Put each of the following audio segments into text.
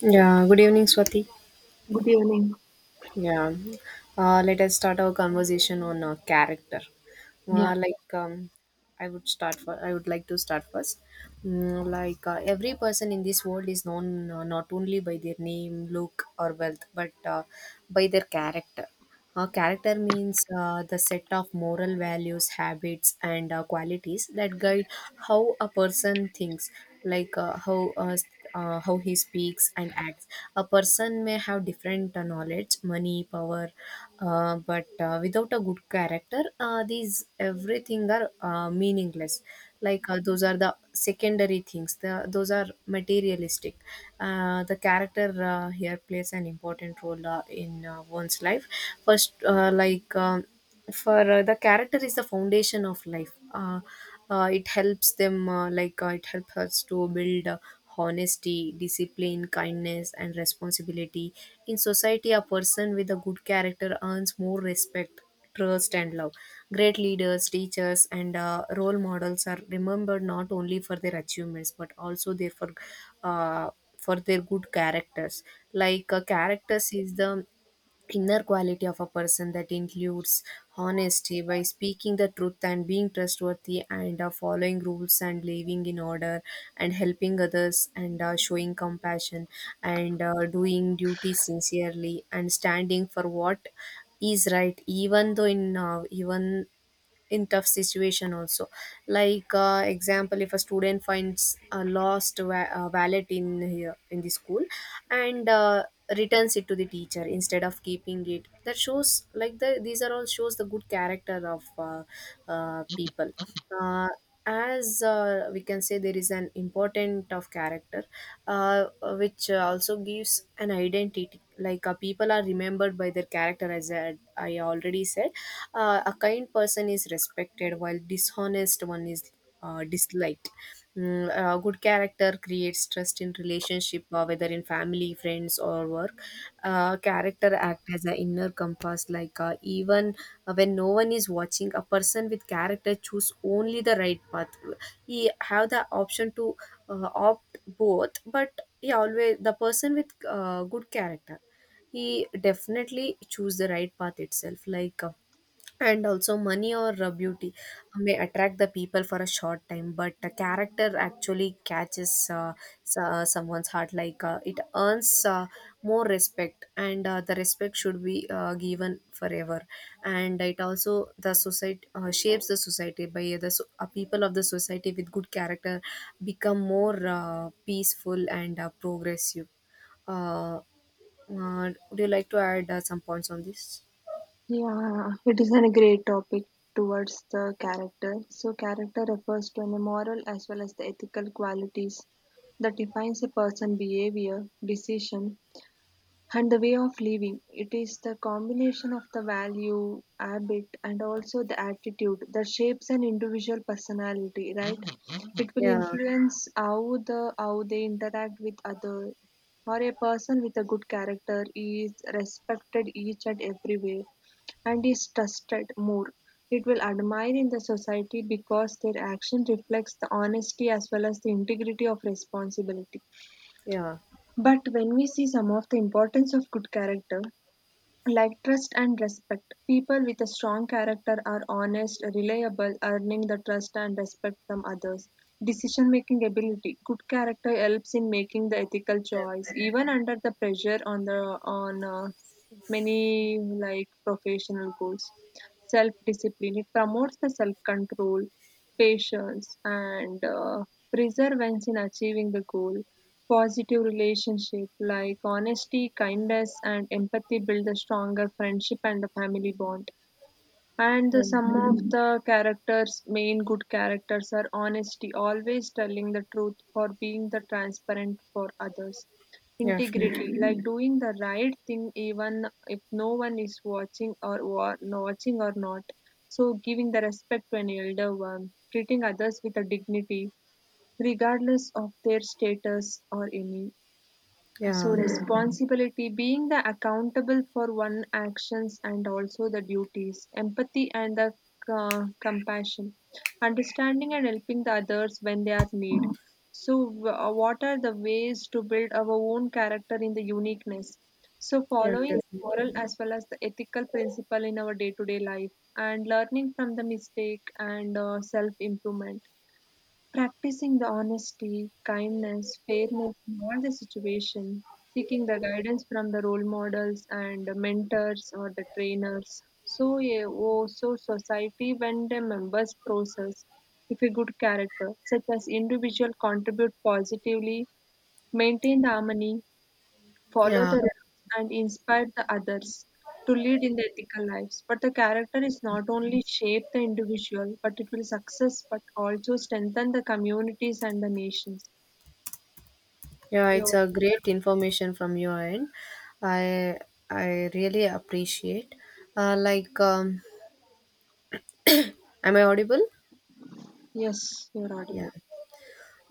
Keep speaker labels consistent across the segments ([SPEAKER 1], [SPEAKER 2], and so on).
[SPEAKER 1] Yeah, good evening, Swati.
[SPEAKER 2] Good evening.
[SPEAKER 1] Yeah, Let us start our conversation on character.
[SPEAKER 2] Yeah,
[SPEAKER 1] Like, I would start for. I would like to start first. Every person in this world is known not only by their name, look, or wealth, but by their character. A character means the set of moral values, habits, and qualities that guide how a person thinks, like uh, how uh, s- how he speaks and acts. A person may have different knowledge, money, power, but without a good character, these everything are meaningless, those are the secondary things, those are materialistic. Uh, the character here plays an important role in one's life. First like for The character is the foundation of life. It helps them like it helps us to build honesty, discipline, kindness, and responsibility. In society, a person with a good character earns more respect, trust, and love. Great leaders, teachers, and role models are remembered not only for their achievements but also their uh, for their good characters. Characters is the inner quality of a person that includes honesty by speaking the truth and being trustworthy, and following rules and living in order, and helping others, and showing compassion, and doing duty sincerely, and standing for what is right, even in tough situation also. Example, if a student finds a lost wallet in here in the school and returns it to the teacher instead of keeping it, that shows like the these are all shows the good character of people. As We can say there is an important of character, uh, which also gives an identity. People are remembered by their character, as I already said. A kind person is respected while dishonest one is disliked. Mm, a good character creates trust in relationship, whether in family, friends, or work. Character act as an inner compass, like even when no one is watching, a person with character choose only the right path. He have the option to opt both, but he always the person with good character, he definitely choose the right path itself. And also money or beauty may attract the people for a short time, but a character actually catches someone's heart. It earns more respect, and the respect should be given forever. And it also the society, shapes the society by the people of the society with good character become more peaceful and progressive uh, would you like to add some points on this?
[SPEAKER 2] Yeah, it is a great topic towards the character. So, character refers to any moral as well as the ethical qualities that defines a person's behavior, decision, and the way of living. It is the combination of the value, habit, and also the attitude that shapes an individual personality, right? It will
[SPEAKER 1] Yeah.
[SPEAKER 2] influence how the how they interact with other. For a person with a good character, he is respected each and everywhere and is trusted more. It will admire in the society because their action reflects the honesty as well as the integrity of responsibility.
[SPEAKER 1] Yeah.
[SPEAKER 2] But when we see some of the importance of good character, like trust and respect, people with a strong character are honest, reliable, earning the trust and respect from others. Decision making ability, good character helps in making the ethical
[SPEAKER 1] Step
[SPEAKER 2] choice,
[SPEAKER 1] back.
[SPEAKER 2] even under the pressure on the on many like professional goals. Self discipline, it promotes the self control, patience, and perseverance in achieving the goal. Positive relationship like honesty, kindness, and empathy build a stronger friendship and a family bond. And the,
[SPEAKER 1] Um,
[SPEAKER 2] some of the characters, main good characters, are honesty, always telling the truth for being the transparent for others.
[SPEAKER 1] Definitely.
[SPEAKER 2] Integrity, like doing the right thing even if no one is watching or watching or not. So giving the respect to an elder one, treating others with a dignity, regardless of their status or any. So,
[SPEAKER 1] Yeah.
[SPEAKER 2] responsibility being the accountable for one actions and also the duties, empathy and the compassion, understanding and helping the others when they are need. So, what are the ways to build our own character in the uniqueness? So,
[SPEAKER 1] Yeah,
[SPEAKER 2] following
[SPEAKER 1] definitely.
[SPEAKER 2] moral as well as the ethical principle in our day-to-day life, and learning from the mistake and self-improvement. Practicing the honesty, kindness, fairness in all the situation, seeking the guidance from the role models and the mentors or the trainers. So yeah, also society when the members process if a good character such as individual contribute positively, maintain the harmony, follow
[SPEAKER 1] Yeah.
[SPEAKER 2] the rules, and inspire the others to lead in the ethical lives. But the character is not only shape the individual, but it will success, but also strengthen the communities and the nations.
[SPEAKER 1] Yeah, it's
[SPEAKER 2] Your
[SPEAKER 1] a great information from your end. I I really appreciate. Uh, like um am I audible?
[SPEAKER 2] yes, you're
[SPEAKER 1] Yeah.
[SPEAKER 2] audible.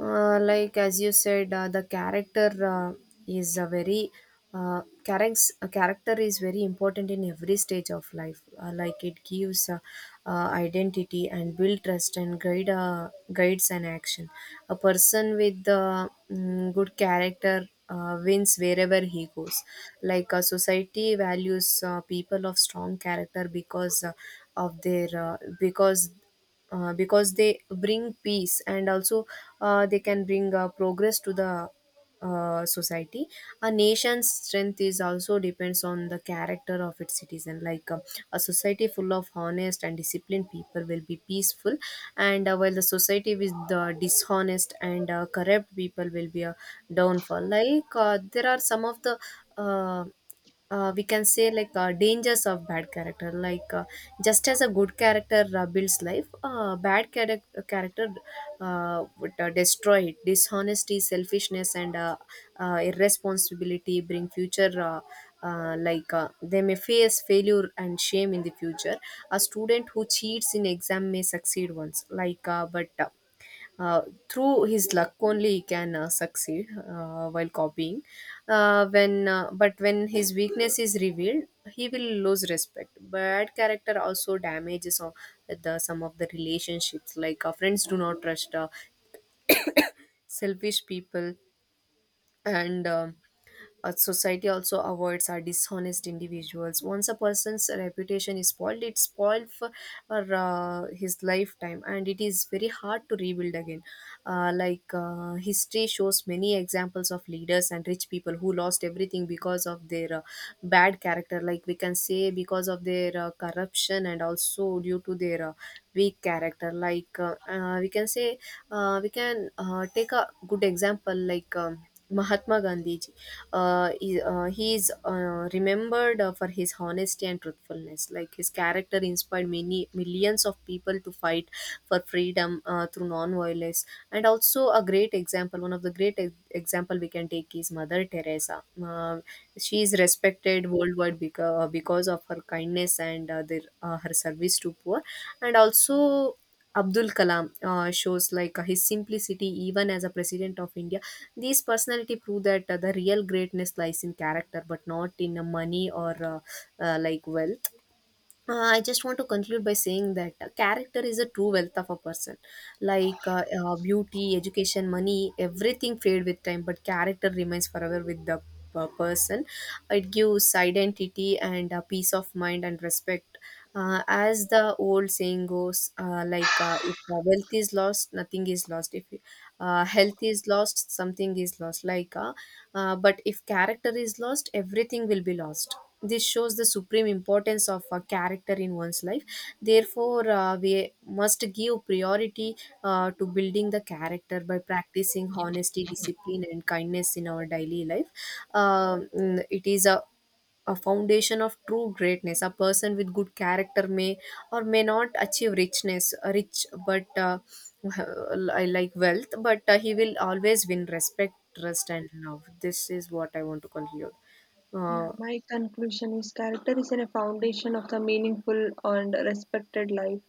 [SPEAKER 1] As you said, the character uh, is a very character, character is very important in every stage of life. It gives identity, and build trust, and guides an action. A person with good character wins wherever he goes. Society values people of strong character, because of their because they bring peace, and also they can bring progress to the society. A nation's strength is also depends on the character of its citizen. A society full of honest and disciplined people will be peaceful, and while the society with the dishonest and corrupt people will be a downfall. Like there are some of the uh, we can say like Dangers of bad character, just as a good character builds life, bad character character would destroy it. Dishonesty, selfishness, and irresponsibility bring future, they may face failure and shame in the future. A student who cheats in exam may succeed once, like but uh, through his luck only he can succeed while copying. When but when his weakness is revealed, he will lose respect. Bad character also damages the some of the relationships. Friends do not trust selfish people. And. um a society also avoids our dishonest individuals. Once a person's reputation is spoiled, it's spoiled for, his lifetime, and it is very hard to rebuild again. History shows many examples of leaders and rich people who lost everything because of their bad character. Like we can say because of their corruption, and also due to their weak character. Like we can say we can Take a good example. Mahatma Gandhiji. He is remembered for his honesty and truthfulness. Like his character inspired many millions of people to fight for freedom through non-violence. And also a great example, one of the great example we can take is Mother Teresa. She is respected worldwide because of her kindness and her service to poor. And also Abdul Kalam shows his simplicity even as a president of India. These personality prove that the real greatness lies in character, but not in money or wealth. I just want to conclude by saying that character is a true wealth of a person. Beauty, education, money, everything fade with time, but character remains forever with the person. It gives identity and peace of mind and respect. As the old saying goes, if wealth is lost, nothing is lost. If health is lost, something is lost. But if character is lost, everything will be lost. This shows the supreme importance of a character in one's life. Therefore, we must give priority to building the character by practicing honesty, discipline, and kindness in our daily life. It is a foundation of true greatness. A person with good character may or may not achieve rich, but I like wealth, but he will always win respect, trust, and love. This is what I want to conclude.
[SPEAKER 2] Yeah,
[SPEAKER 1] Uh,
[SPEAKER 2] my conclusion is character is in a foundation of the meaningful and respected life.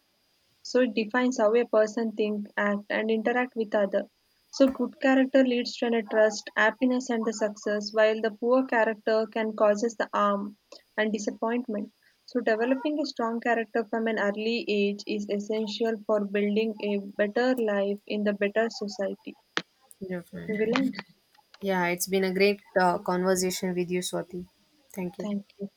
[SPEAKER 2] So it defines how a person think act and interact with other. So good character leads to a trust happiness and the success while the poor character can causes the harm and disappointment. So developing a strong character from an early age is essential for building a better life in the better society. We
[SPEAKER 1] Definitely.
[SPEAKER 2] will end.
[SPEAKER 1] Yeah, it's been a great conversation with you, Swati. Thank you.
[SPEAKER 2] Thank you.